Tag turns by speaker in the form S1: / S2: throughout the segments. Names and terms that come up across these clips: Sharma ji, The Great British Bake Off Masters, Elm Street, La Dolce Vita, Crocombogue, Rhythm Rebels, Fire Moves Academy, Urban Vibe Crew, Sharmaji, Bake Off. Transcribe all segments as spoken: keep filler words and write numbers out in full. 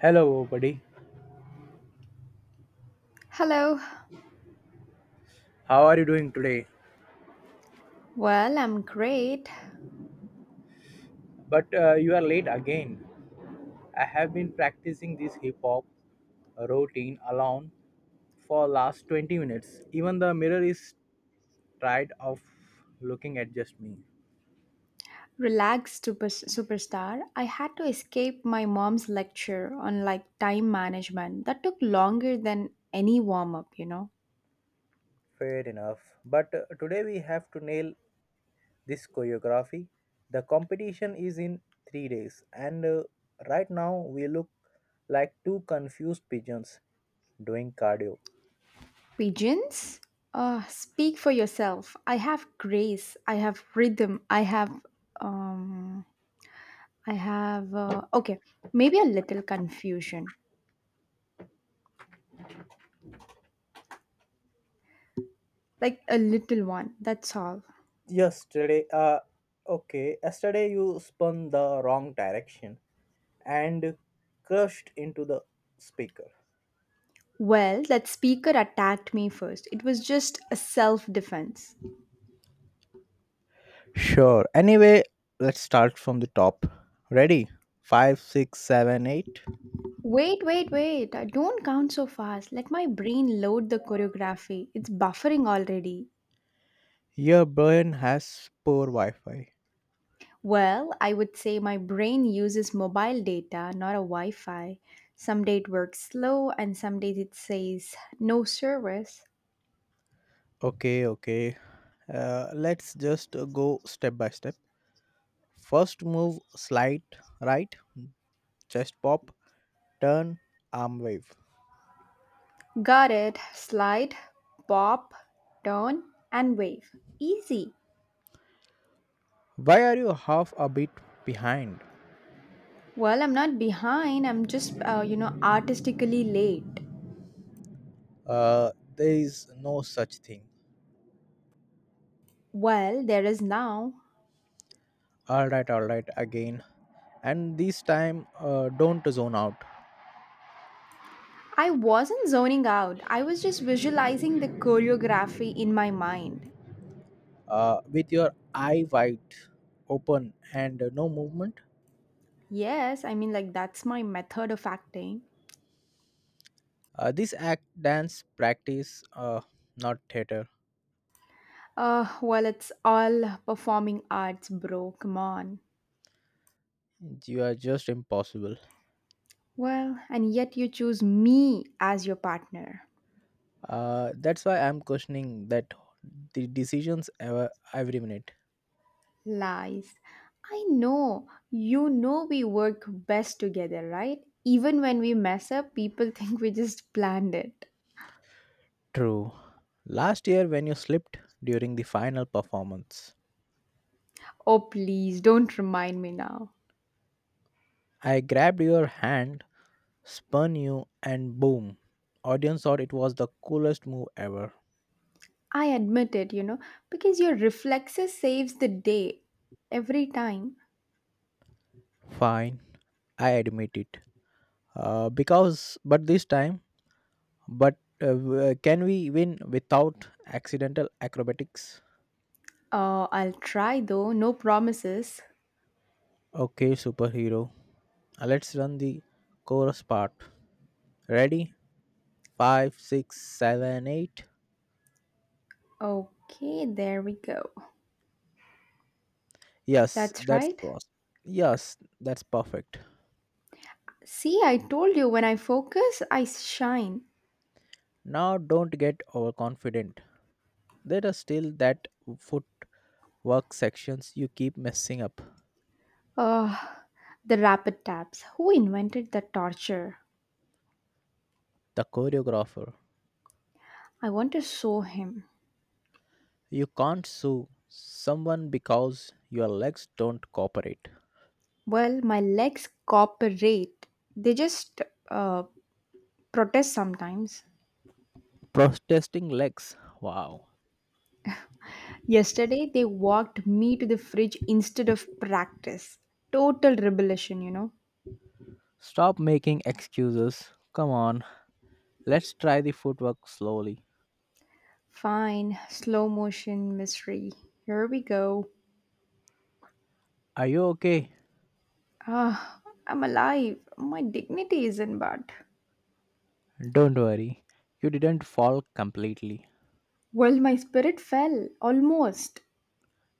S1: Hello, buddy.
S2: Hello.
S1: How are you doing today?
S2: Well, I'm great.
S1: But uh, you are late again. I have been practicing this hip hop routine alone for last twenty minutes. Even the mirror is tired of looking at just me.
S2: Relaxed super, superstar. I had to escape my mom's lecture on like time management that took longer than any warm up, you know.
S1: Fair enough. But uh, today we have to nail this choreography. The competition is in three days, and uh, right now we look like two confused pigeons doing cardio.
S2: Pigeons? Uh, speak for yourself. I have grace. I have rhythm. I have um I have uh, okay, maybe a little confusion. Like a little one. That's all.
S1: yesterday uh okay yesterday you spun the wrong direction and crushed into the speaker.
S2: Well, that speaker attacked me first. It was just a self defense.
S1: Sure. Anyway, let's start from the top. Ready? Five, six, seven, eight.
S2: Wait, wait, wait. Uh, Don't count so fast. Let my brain load the choreography. It's buffering already.
S1: Your brain has poor Wi Fi.
S2: Well, I would say my brain uses mobile data, not a Wi Fi. Some days it works slow, and some days it says no service.
S1: Okay, okay. Uh, let's just uh, go step by step. First move, slide right, chest pop, turn, arm wave.
S2: Got it. Slide, pop, turn, and wave. Easy.
S1: Why are you half a bit behind?
S2: Well, I'm not behind. I'm just, uh, you know, artistically late.
S1: Uh, there is no such thing.
S2: Well, there is now.
S1: All right, all right, again. And this time, uh, don't zone out.
S2: I wasn't zoning out. I was just visualizing the choreography in my mind.
S1: Uh, with your eye wide open and no movement,
S2: Yes, I mean, like, that's my method of acting.
S1: uh, this act dance practice, uh, not theater.
S2: Uh, well, it's all performing arts, bro. Come on.
S1: You are just impossible.
S2: Well, and yet you choose me as your partner.
S1: Uh, that's why I'm questioning that the decisions ever every minute.
S2: Lies. I know. You know we work best together, right? Even when we mess up, people think we just planned it.
S1: True. Last year, when you slipped during the final performance,
S2: Oh, please, don't remind me now.
S1: I grabbed your hand spun you, and boom. Audience thought it was the coolest move ever.
S2: I admit it, you know, because your reflexes saves the day every time.
S1: Fine, I admit it. Uh, because, but this time, but uh, w- uh, can we win without accidental acrobatics?
S2: Uh, I'll try though, no promises.
S1: Okay, superhero. Uh, let's run the chorus part. Ready? Five, six, seven, eight.
S2: Okay, there we go.
S1: Yes,
S2: That's
S1: that's
S2: right.
S1: was. Yes, that's perfect.
S2: See, I told you when I focus, I shine.
S1: Now don't get overconfident. There is still that foot work sections you keep messing up.
S2: Ugh, the rapid taps. Who invented the torture?
S1: The choreographer.
S2: I want to show him.
S1: You can't sue someone because your legs don't cooperate.
S2: Well, my legs cooperate. They just uh, protest sometimes.
S1: Protesting legs. Wow.
S2: Yesterday, they walked me to the fridge instead of practice. Total rebellion, you know.
S1: Stop making excuses. Come on. Let's try the footwork slowly.
S2: Fine, slow motion mystery. Here we go.
S1: Are you okay?
S2: Ah, I'm alive. My dignity is in bad.
S1: Don't worry. You didn't fall completely.
S2: Well, my spirit fell almost.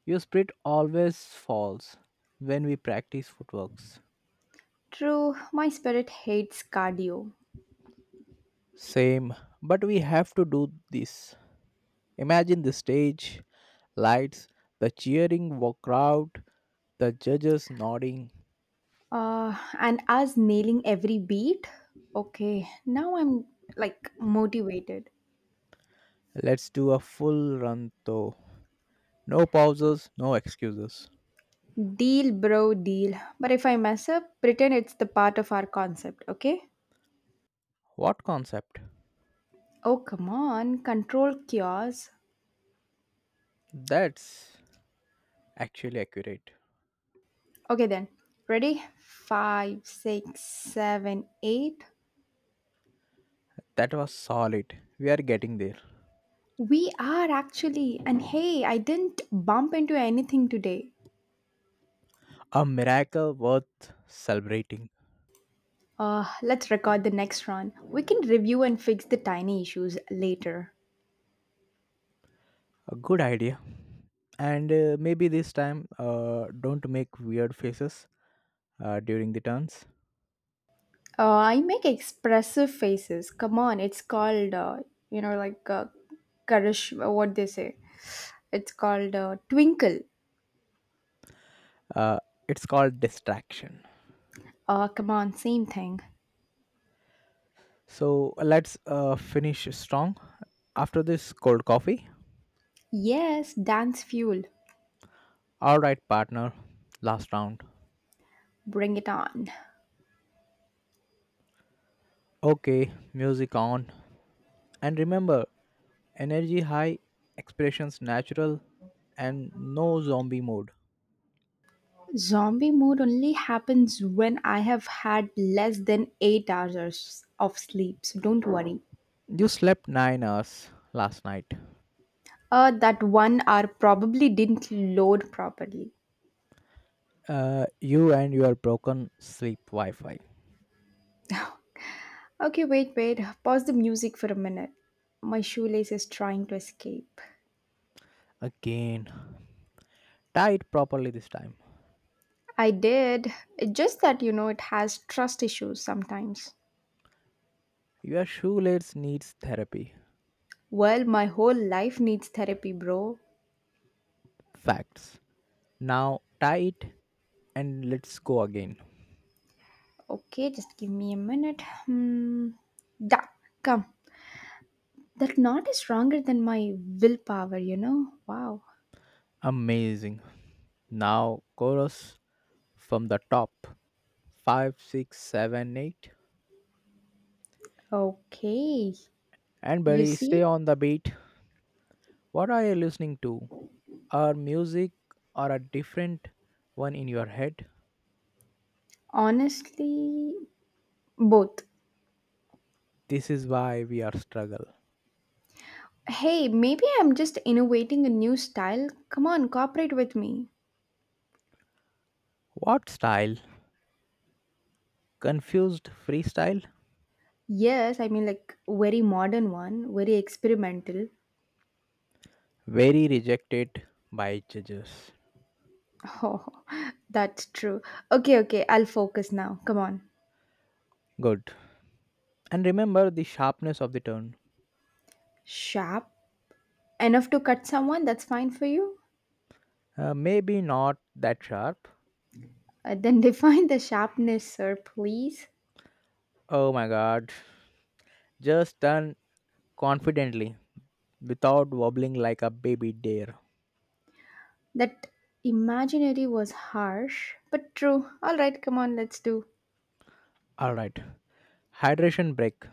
S1: Your spirit always falls when we practice footworks.
S2: True, my spirit hates cardio.
S1: Same, but we have to do this. Imagine the stage, lights, the cheering wo- crowd, the judges nodding.
S2: Uh, and as nailing every beat, okay, now I'm like motivated.
S1: Let's do a full run though. No pauses, no excuses.
S2: Deal, bro, deal. But if I mess up, pretend it's the part of our concept, okay?
S1: What concept?
S2: Oh, come on. Control cures.
S1: That's actually accurate.
S2: Okay, then. Ready? Five, six, seven, eight.
S1: That was solid. We are getting there.
S2: We are actually. And hey, I didn't bump into anything today.
S1: A miracle worth celebrating.
S2: Uh, let's record the next run. We can review and fix the tiny issues later.
S1: A good idea. And uh, maybe this time, uh, don't make weird faces uh, during the turns.
S2: Uh, I make expressive faces. Come on, it's called, uh, you know, like uh, Karish, what they say. It's called uh, Twinkle.
S1: Uh, it's called distraction.
S2: Oh, come on, same thing.
S1: So let's uh, finish strong after this cold coffee.
S2: Yes, dance fuel.
S1: All right, partner. Last round.
S2: Bring it on.
S1: Okay, music on. And remember, energy high, expressions natural, and no zombie mode.
S2: Zombie mode only happens when I have had less than eight hours of sleep, so don't worry.
S1: You slept nine hours last night.
S2: Uh, that one hour probably didn't load properly.
S1: Uh, you and your broken sleep Wi Fi.
S2: Okay, wait, wait. Pause the music for a minute. My shoelace is trying to escape.
S1: Again. Tie it properly this time.
S2: I did. It's just that, you know, it has trust issues sometimes.
S1: Your shoelace needs therapy.
S2: Well, my whole life needs therapy, bro.
S1: Facts. Now tie it and let's go again.
S2: Okay, just give me a minute. Hmm. Da, come. That knot is stronger than my willpower, you know? Wow.
S1: Amazing. Now, chorus from the top. Five, six, seven, eight.
S2: Okay.
S1: And
S2: You
S1: buddy, stay
S2: see?
S1: on the beat. What are you listening to? Our music or a different one in your head?
S2: Honestly, both.
S1: This is why we are struggle.
S2: Hey, maybe I'm just innovating a new style. Come on, cooperate with me.
S1: What style? Confused freestyle?
S2: Yes, I mean, like, very modern one, very experimental.
S1: Very rejected by judges.
S2: Oh, that's true. Okay, okay, I'll focus now. Come on.
S1: Good. And remember the sharpness of the tone.
S2: Sharp. Enough to cut someone, that's fine for you?
S1: Uh, maybe not that sharp.
S2: Uh, then define the sharpness, sir, please.
S1: Oh my god. Just turn confidently without wobbling like a baby deer.
S2: That imaginary was harsh, but true. All right, come on, let's do.
S1: All right, hydration break.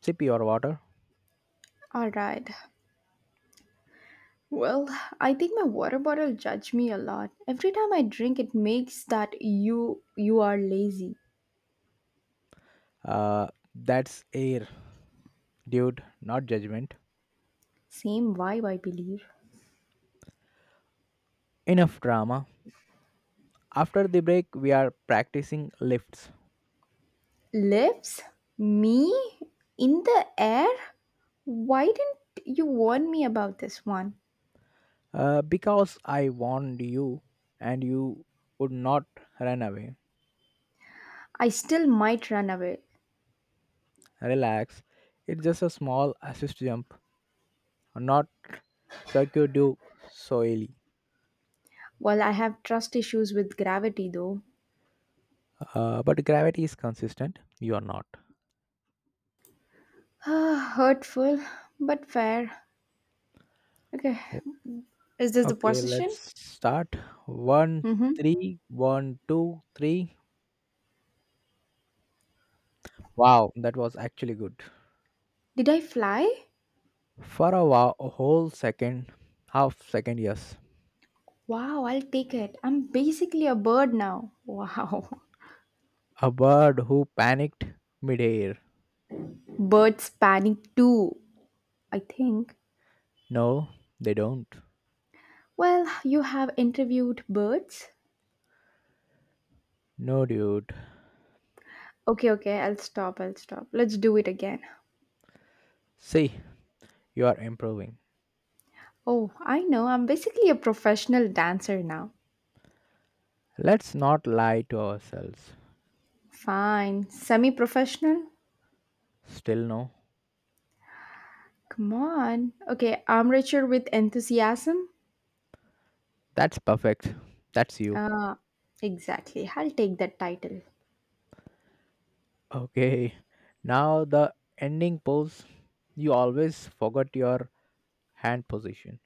S1: Sip your water.
S2: All right. Well, I think my water bottle judge me a lot. Every time I drink, it makes that you you are lazy.
S1: Uh, that's air, dude, not judgment.
S2: Same vibe, I believe.
S1: Enough drama. After the break, we are practicing lifts.
S2: Lips, me in the air. Why didn't you warn me about this one?
S1: Uh, because I warned you and you would not run away.
S2: I still might run away.
S1: Relax. It's just a small assist jump, not circuit du soili.
S2: Well, I have trust issues with gravity though.
S1: Uh, but gravity is consistent. You are not.
S2: Ah, hurtful, but fair. Okay. Is this the
S1: Okay, let's
S2: position?
S1: start. One,
S2: Mm-hmm.
S1: three, one, two, three. Wow, that was actually good.
S2: Did I fly?
S1: For a, wa- a whole second, half second, yes.
S2: Wow, I'll take it. I'm basically a bird now. Wow.
S1: A bird who panicked midair.
S2: Birds panic too, I think.
S1: No, they don't.
S2: Well, you have interviewed birds.
S1: No, dude.
S2: Okay, okay, I'll stop, I'll stop. Let's do it again.
S1: See, you are improving.
S2: Oh, I know, I'm basically a professional dancer now.
S1: Let's not lie to ourselves.
S2: Fine. Semi professional?
S1: Still, no.
S2: Come on. Okay, arm armrature with enthusiasm?
S1: That's perfect. That's you.
S2: Ah, exactly. I'll take that title.
S1: Okay, now the ending pose. You always forgot your hand position.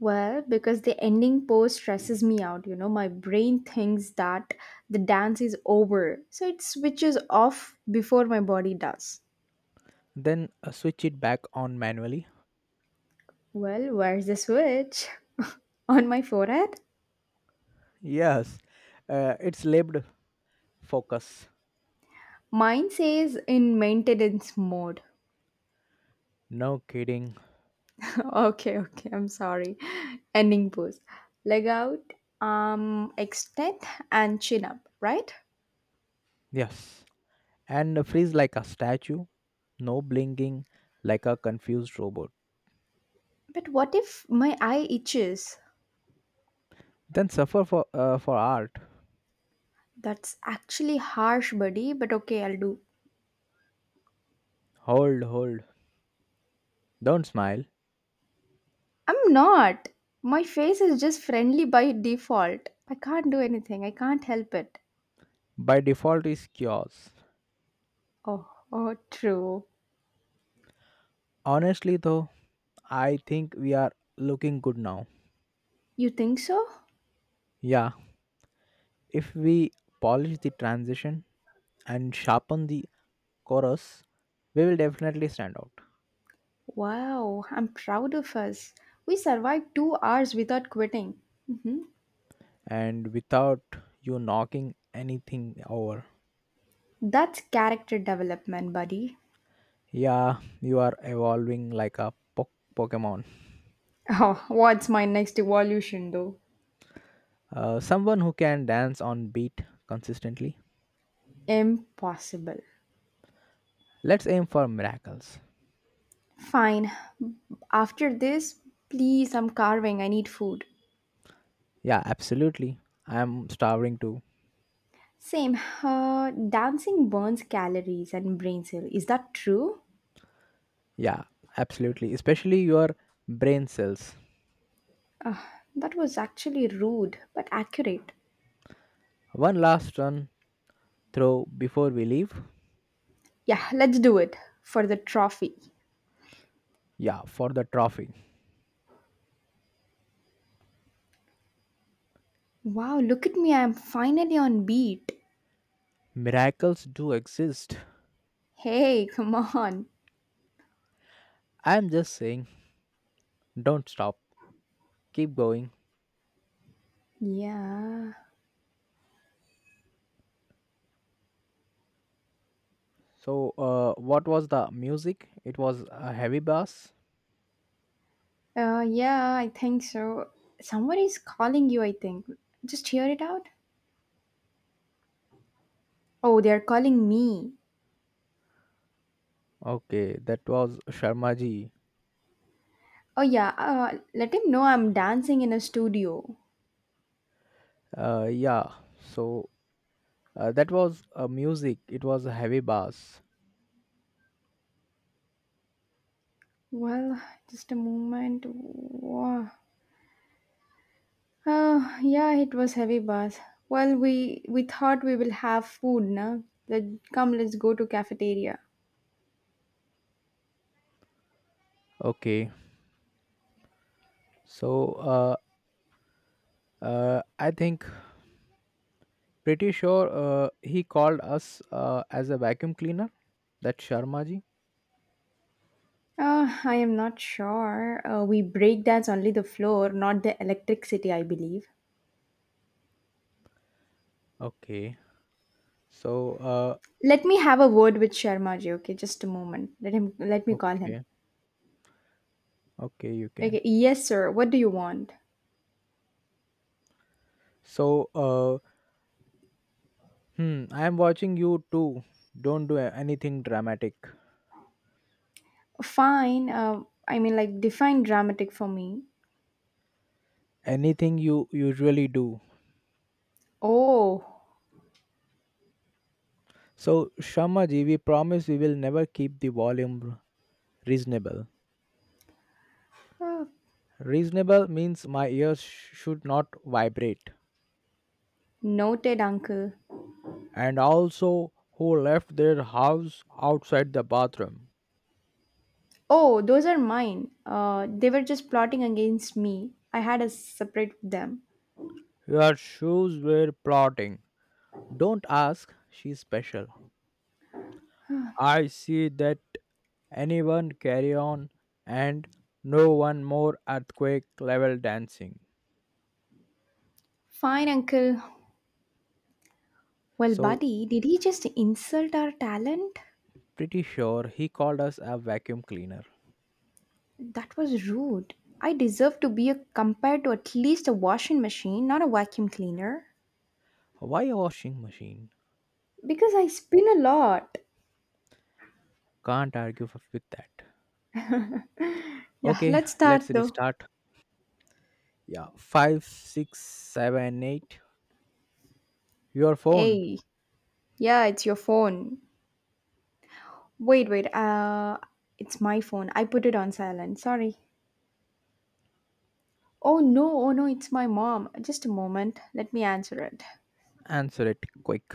S2: Well, because the ending pose stresses me out, you know, my brain thinks that the dance is over, so it switches off before my body does.
S1: then uh, switch it back on manually.
S2: Well, where's the switch? On my forehead?
S1: Yes, uh, it's labeled focus.
S2: Mine says in maintenance mode.
S1: No kidding.
S2: okay, okay, I'm sorry. Ending pose. Leg out, arm extend, and chin up, right?
S1: Yes, and freeze like a statue, no blinking like a confused robot.
S2: But what if my eye itches?
S1: Then suffer for uh, for art.
S2: That's actually harsh, buddy, but okay, I'll do.
S1: Hold, hold. Don't smile.
S2: I'm not. My face is just friendly by default. I can't do anything. I can't help it.
S1: By default is chaos.
S2: Oh, oh, true.
S1: Honestly though, I think we are looking good now.
S2: You think so?
S1: Yeah, if we polish the transition and sharpen the chorus, we will definitely stand out.
S2: Wow, I'm proud of us. We survived two hours without quitting. hmm
S1: And without you knocking anything over.
S2: That's character development, buddy.
S1: Yeah, you are evolving like a po- Pokemon.
S2: Oh, what's my next evolution, though?
S1: Uh, someone who can dance on beat consistently.
S2: Impossible.
S1: Let's aim for miracles.
S2: Fine. After this, please, I'm carving. I need food.
S1: Yeah, absolutely. I am starving too.
S2: Same. Uh, dancing burns calories and brain cell. Is that true?
S1: Yeah, absolutely. Especially your brain cells.
S2: That was actually rude but accurate.
S1: One last run throw before we leave.
S2: Yeah, let's do it for the trophy.
S1: Yeah, for the trophy.
S2: Wow, look at me. I'm finally on beat.
S1: Miracles do exist.
S2: Hey, come on.
S1: I am just saying, don't stop. Keep going.
S2: Yeah.
S1: So, uh, what was the music? It was a heavy bass.
S2: Uh, yeah, I think so. Someone is calling you, I think. Just hear it out. Oh, they're calling me.
S1: Okay, that was Sharmaji ji.
S2: Oh, yeah. Uh, let him know I'm dancing in a studio.
S1: Uh, yeah. So uh, that was uh, music. It was a heavy bass.
S2: Well, just a moment. Wow. Uh, yeah, it was heavy, boss. Well, we we thought we will have food, na? Let, come, let's go to cafeteria.
S1: Okay. So uh, uh, I think pretty sure uh, he called us uh, as a vacuum cleaner. That Sharmaji.
S2: Uh, I am not sure. Uh, we break dance only the floor, not the electricity, I believe.
S1: Okay. So uh,
S2: Let me have a word with Sharma ji, okay? Just a moment. Let him. Let me call him.
S1: okay, okay, you can.
S2: Okay. Yes, sir. What do you want?
S1: So uh, hmm, I am watching you too. Don't do a- anything dramatic.
S2: Fine. Uh, I mean, like define dramatic for me.
S1: Anything you usually do.
S2: Oh,
S1: So, Shamaji, we promise we will never keep the volume reasonable.
S2: uh,
S1: Reasonable means my ears sh- should not vibrate.
S2: noted, uncle.
S1: And also, who left their house outside the bathroom?
S2: Oh, those are mine. Uh, they were just plotting against me. I had a separate with them.
S1: Your shoes were plotting. Don't ask, she's special. I see that anyone carry on and no one more earthquake level dancing.
S2: Fine, uncle. Well,
S1: So,
S2: buddy, did he just insult our talent?
S1: pretty sure he called us a vacuum cleaner.
S2: That was rude. I deserve to be a, compared to at least a washing machine, not a vacuum cleaner.
S1: Why a washing machine?
S2: Because I spin a lot.
S1: Can't argue f- with that.
S2: Yeah,
S1: Okay,
S2: let's start
S1: let's
S2: though.
S1: restart. Yeah, five, six, seven, eight. Your phone.
S2: Hey, yeah, it's your phone. Wait, wait. Uh, it's my phone. I put it on silent. Sorry. Oh no, oh no, it's my mom. Just a moment. Let me answer it.
S1: Answer it quick.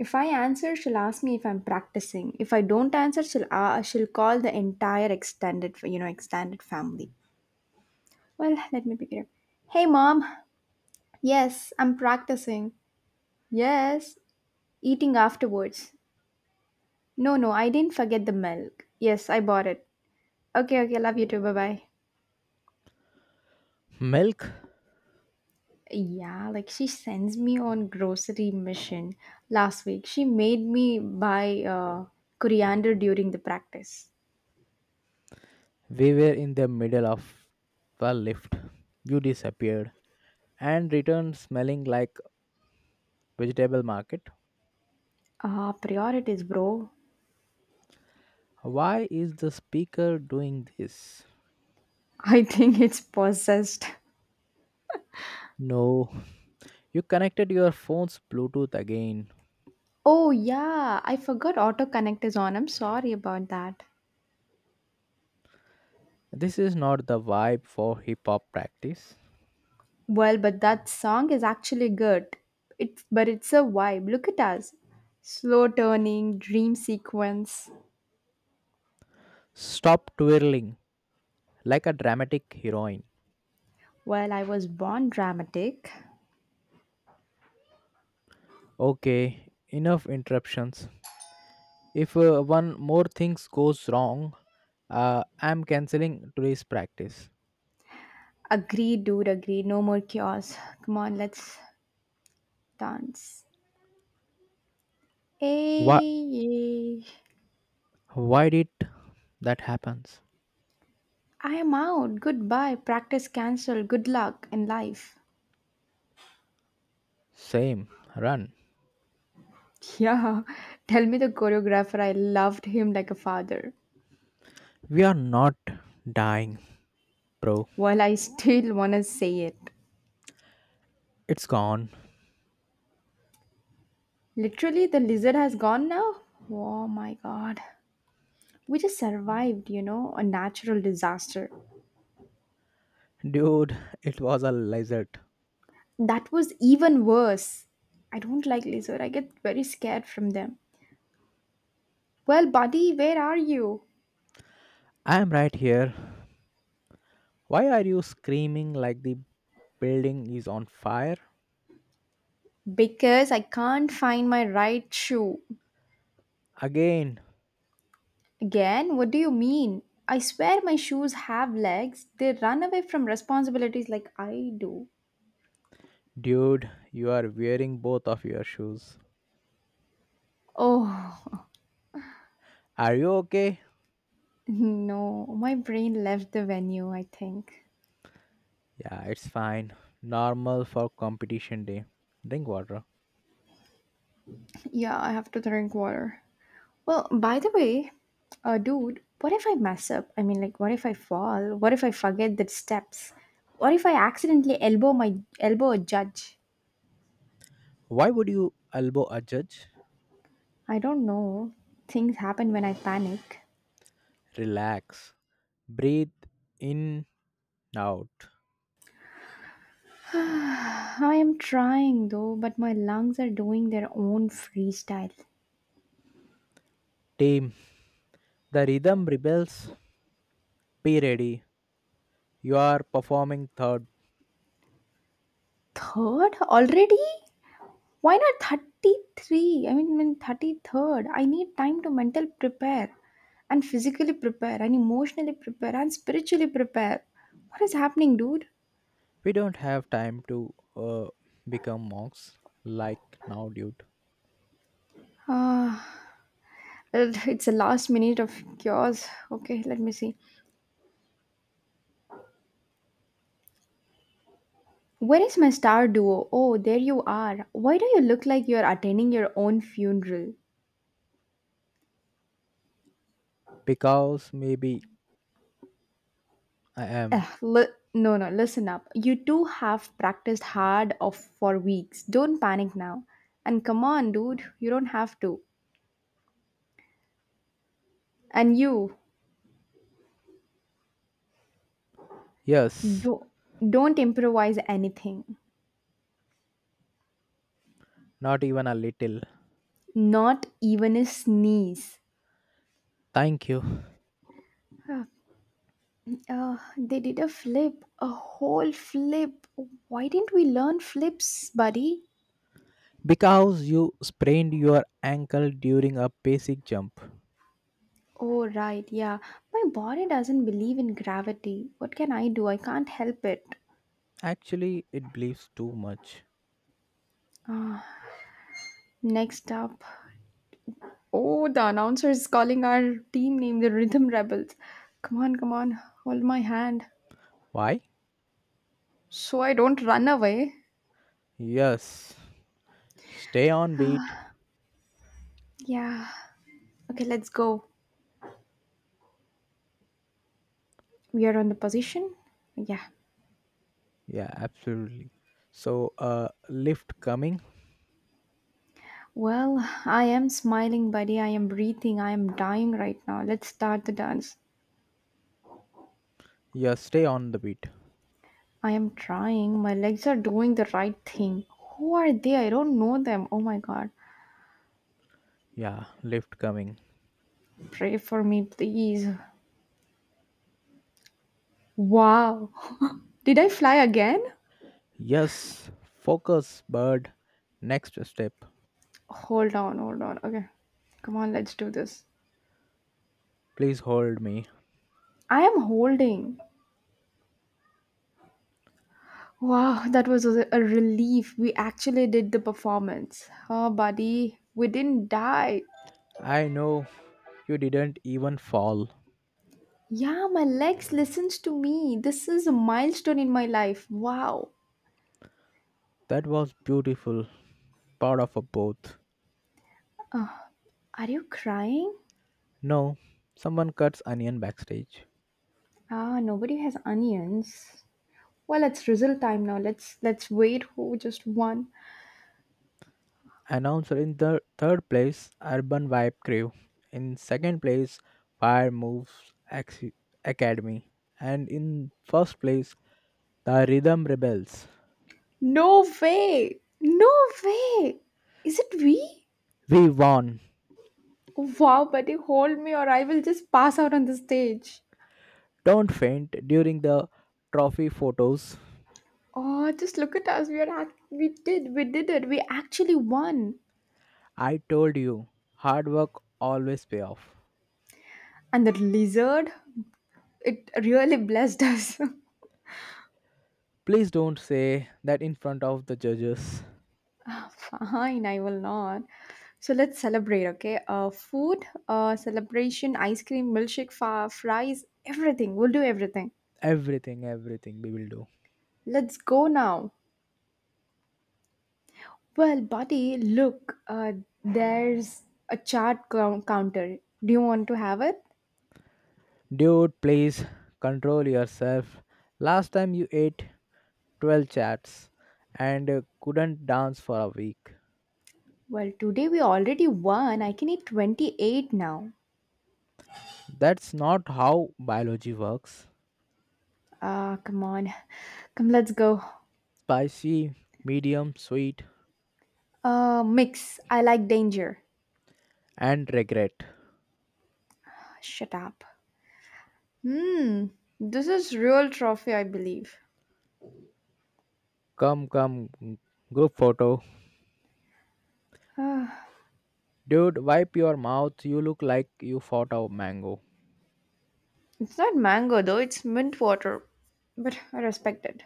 S2: If I answer, she'll ask me if I'm practicing. If I don't answer, she'll uh, she'll call the entire extended, you know, extended family. Well, let me pick it up. Hey, Mom. Yes, I'm practicing. Yes, eating afterwards. No, no, I didn't forget the milk. Yes, I bought it. Okay, okay, love you too. Bye bye.
S1: Milk.
S2: Yeah, like she sends me on grocery mission. Last week, she made me buy uh, coriander during the practice.
S1: We were in the middle of the lift. You disappeared and returned smelling like vegetable market.
S2: Ah, priorities, bro.
S1: Why is the speaker doing this?
S2: I think it's possessed.
S1: No, you connected your phone's Bluetooth again.
S2: Oh, yeah, I forgot autocorrect is on. I'm sorry about that.
S1: This is not the vibe for hip hop practice.
S2: Well, but that song is actually good. It's but it's a vibe. Look at us. Slow turning, dream sequence.
S1: Stop twirling like a dramatic heroine.
S2: Well, I was born dramatic.
S1: Okay, enough interruptions. If uh, one more things goes wrong, uh, I'm canceling today's practice.
S2: Agree, dude, agree. No more chaos. Come on, let's dance.
S1: Why?
S2: Hey, yeah.
S1: Why did that happens?
S2: I am out. Goodbye. Practice cancelled. Good luck in life.
S1: Same. Run.
S2: Yeah, tell me the choreographer. I loved him like a father.
S1: We are not dying, bro.
S2: Well, I still want to say it.
S1: It's gone,
S2: Literally, the lizard has gone now? Oh my god. We just survived, you know, a natural disaster.
S1: dude. It was a lizard.
S2: That was even worse. I don't like lizard. I get very scared from them. Well, buddy, where are you?
S1: I am right here. Why are you screaming like the building is on fire?
S2: Because I can't find my right shoe.
S1: Again,
S2: Again, what do you mean? I swear my shoes have legs. They run away from responsibilities like I do.
S1: dude, you are wearing both of your shoes.
S2: Oh,
S1: Are you okay?
S2: no. My brain left the venue, I think.
S1: Yeah, it's fine. Normal for competition day. Drink water.
S2: Yeah, I have to drink water. Well, by the way, uh, dude, what if I mess up? I mean, like, what if I fall? What if I forget the steps? What if I accidentally elbow my elbow a judge?
S1: Why would you elbow a judge?
S2: I don't know. Things happen when I panic.
S1: Relax. Breathe in, out.
S2: I am trying though, but my lungs are doing their own freestyle.
S1: Team. The rhythm rebels. Be ready. You are performing third.
S2: Third already? Why not thirty-three? I mean, mean thirty-third. I need time to mental prepare and physically prepare and emotionally prepare and spiritually prepare. What is happening, dude?
S1: We don't have time to uh, become monks like now, dude.
S2: Ah, well, it's a last minute of yours. Okay, let me see. Where is my star duo? Oh, there you are. Why do you look like you're attending your own funeral?
S1: Because maybe I am.
S2: Ugh, li- no, no, listen up. You two have practiced hard of for weeks. Don't panic now. And come on, dude, you don't have to. And you
S1: Yes,
S2: do, don't improvise anything,
S1: not even a little.
S2: not even a sneeze.
S1: Thank you.
S2: Uh, uh, they did a flip, a whole flip. Why didn't we learn flips, buddy?
S1: Because you sprained your ankle during a basic jump.
S2: Oh, right, yeah. My body doesn't believe in gravity. What can I do? I can't help it.
S1: Actually, it believes too much.
S2: Next up. Oh, the announcer is calling our team name the Rhythm Rebels. Come on, come on, hold my hand.
S1: Why?
S2: So I don't run away.
S1: Yes. Stay on beat.
S2: Yeah. Okay, let's go. We are on the position? Yeah.
S1: Yeah, absolutely. So, uh, lift coming.
S2: Well, I am smiling, buddy. I am breathing. I am dying right now. Let's start the dance.
S1: Yeah, stay on the beat.
S2: I am trying. My legs are doing the right thing. Who are they? I don't know them. Oh my god.
S1: Yeah, lift coming.
S2: Pray for me, please. Wow. Did I fly again?
S1: Yes, focus, bird. Next step.
S2: Hold on, hold on. Okay. Come on, let's do this.
S1: Please hold me.
S2: I am holding. Wow, that was a a relief. We actually did the performance. Oh, buddy, we didn't die.
S1: I know you didn't even fall.
S2: Yeah, my legs listens to me. This is a milestone in my life. Wow.
S1: That was beautiful. Part of a both.
S2: Are you crying?
S1: No, someone cuts onion backstage.
S2: Ah, nobody has onions. Well, it's result time now. Let's let's wait who just won.
S1: Announcer in the third place, Urban Vibe Crew. In second place, Fire Moves Ac- Academy. And in first place, the Rhythm Rebels.
S2: No way. No way. Is it we?
S1: We won.
S2: Wow, buddy, hold me or I will just pass out on the stage.
S1: Don't faint during the trophy photos.
S2: Oh, just look at us. We are act- we did we did it. We actually won.
S1: I told you, hard work always pay off.
S2: And that lizard, it really blessed us.
S1: Please don't say that in front of the judges.
S2: Fine, I will not. So let's celebrate, okay? Uh, food, uh, celebration, ice cream, milkshake, fa- fries, everything. We'll do everything.
S1: Everything, everything we will do.
S2: Let's go now. Well, buddy, look, uh, there's a chart cou- counter. Do you want to have it?
S1: Dude, please control yourself. Last time you ate twelve chats, and uh, couldn't dance for a week.
S2: Well, today we already won. I can eat twenty-eight now.
S1: That's not how biology works.
S2: Ah, come on. Come, let's go.
S1: Spicy, medium, sweet,
S2: Uh, mix. I like danger.
S1: and regret.
S2: Shut up. Hmm. This is real trophy, I believe.
S1: Come, come, g- group photo.
S2: Ah,
S1: Dude, wipe your mouth. You look like you fought a mango.
S2: it's not mango though, it's mint water. But I respect it.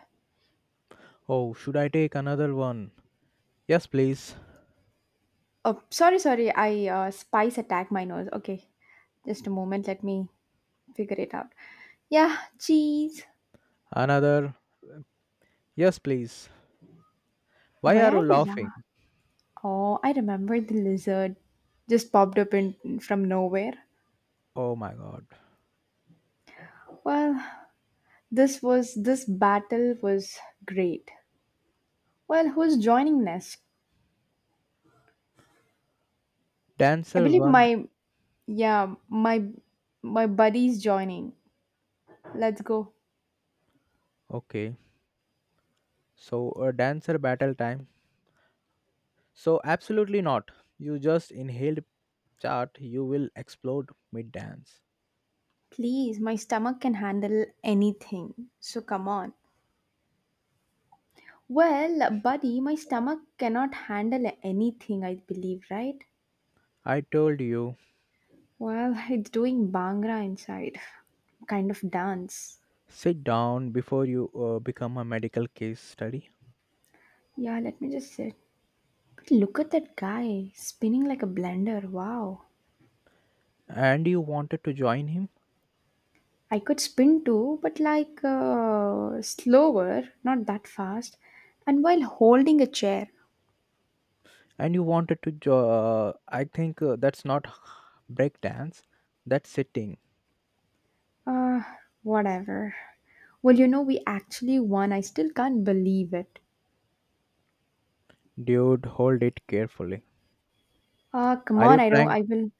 S1: Oh, should I take another one? Yes, please.
S2: Oh, sorry, sorry. I uh, spice attacked my nose. Okay, just a moment. Let me figure it out. Yeah, cheese.
S1: Another. Yes, please. Why
S2: Why
S1: are
S2: are
S1: you
S2: you
S1: laughing?
S2: laughing? Oh, I remember the lizard just popped up in from nowhere.
S1: Oh my god.
S2: Well, this was this battle was great. Well, who's joining next? I
S1: Dancer
S2: believe
S1: one.
S2: my yeah my my buddy's joining. Let's go.
S1: Okay. So, a dancer battle time. So, absolutely not. You just inhaled chart, you will explode mid dance.
S2: Please, my stomach can handle anything. So come on. Well, buddy, my stomach cannot handle anything, I believe, right?
S1: I told you,
S2: Well, it's doing Bhangra inside. Kind of dance.
S1: sit down before you uh, become a medical case study.
S2: Yeah, let me just sit. But look at that guy spinning like a blender. Wow.
S1: And you wanted to join him,
S2: I could spin too, but like uh, slower, not that fast, and while holding a chair.
S1: and you wanted to. Jo- uh, I think uh, that's not breakdance, that's sitting.
S2: Uh, Whatever. Well, you know, we actually won. I still can't believe it.
S1: Dude, hold it carefully.
S2: Uh, come
S1: Are
S2: on,
S1: you
S2: I don't,
S1: trying?
S2: I will.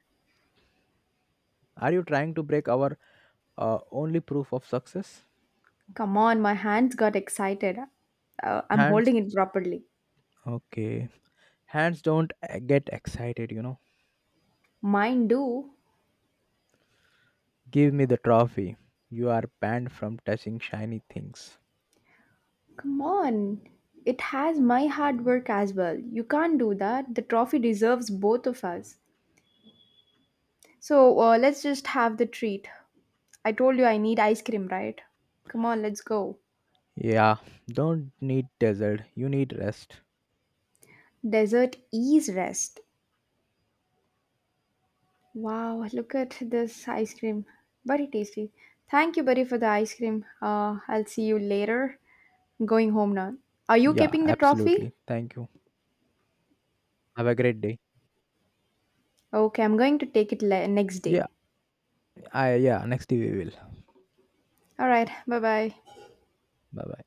S1: Are you trying to break our uh, only proof of success?
S2: Come on, my hands got excited. Uh, I'm
S1: Hands.
S2: holding it properly.
S1: Okay. Hands don't uh, get excited, you know.
S2: Mine do.
S1: Give me the trophy. You are banned from touching shiny things.
S2: Come on. It has my hard work as well. You can't do that. The trophy deserves both of us. So uh, let's just have the treat. I told you I need ice cream, right? Come on, let's go.
S1: Yeah, don't need desert. You need rest.
S2: Dessert is rest. Wow, look at this ice cream. Very tasty. Thank you, buddy, for the ice cream. Uh, I'll see you later. I'm going home now. Are you
S1: Yeah,
S2: keeping the trophy?
S1: absolutely. Thank you. Have a great day.
S2: Okay, I'm going to take it le- next day.
S1: Yeah, I yeah, next day we will.
S2: All right, bye bye.
S1: Bye bye.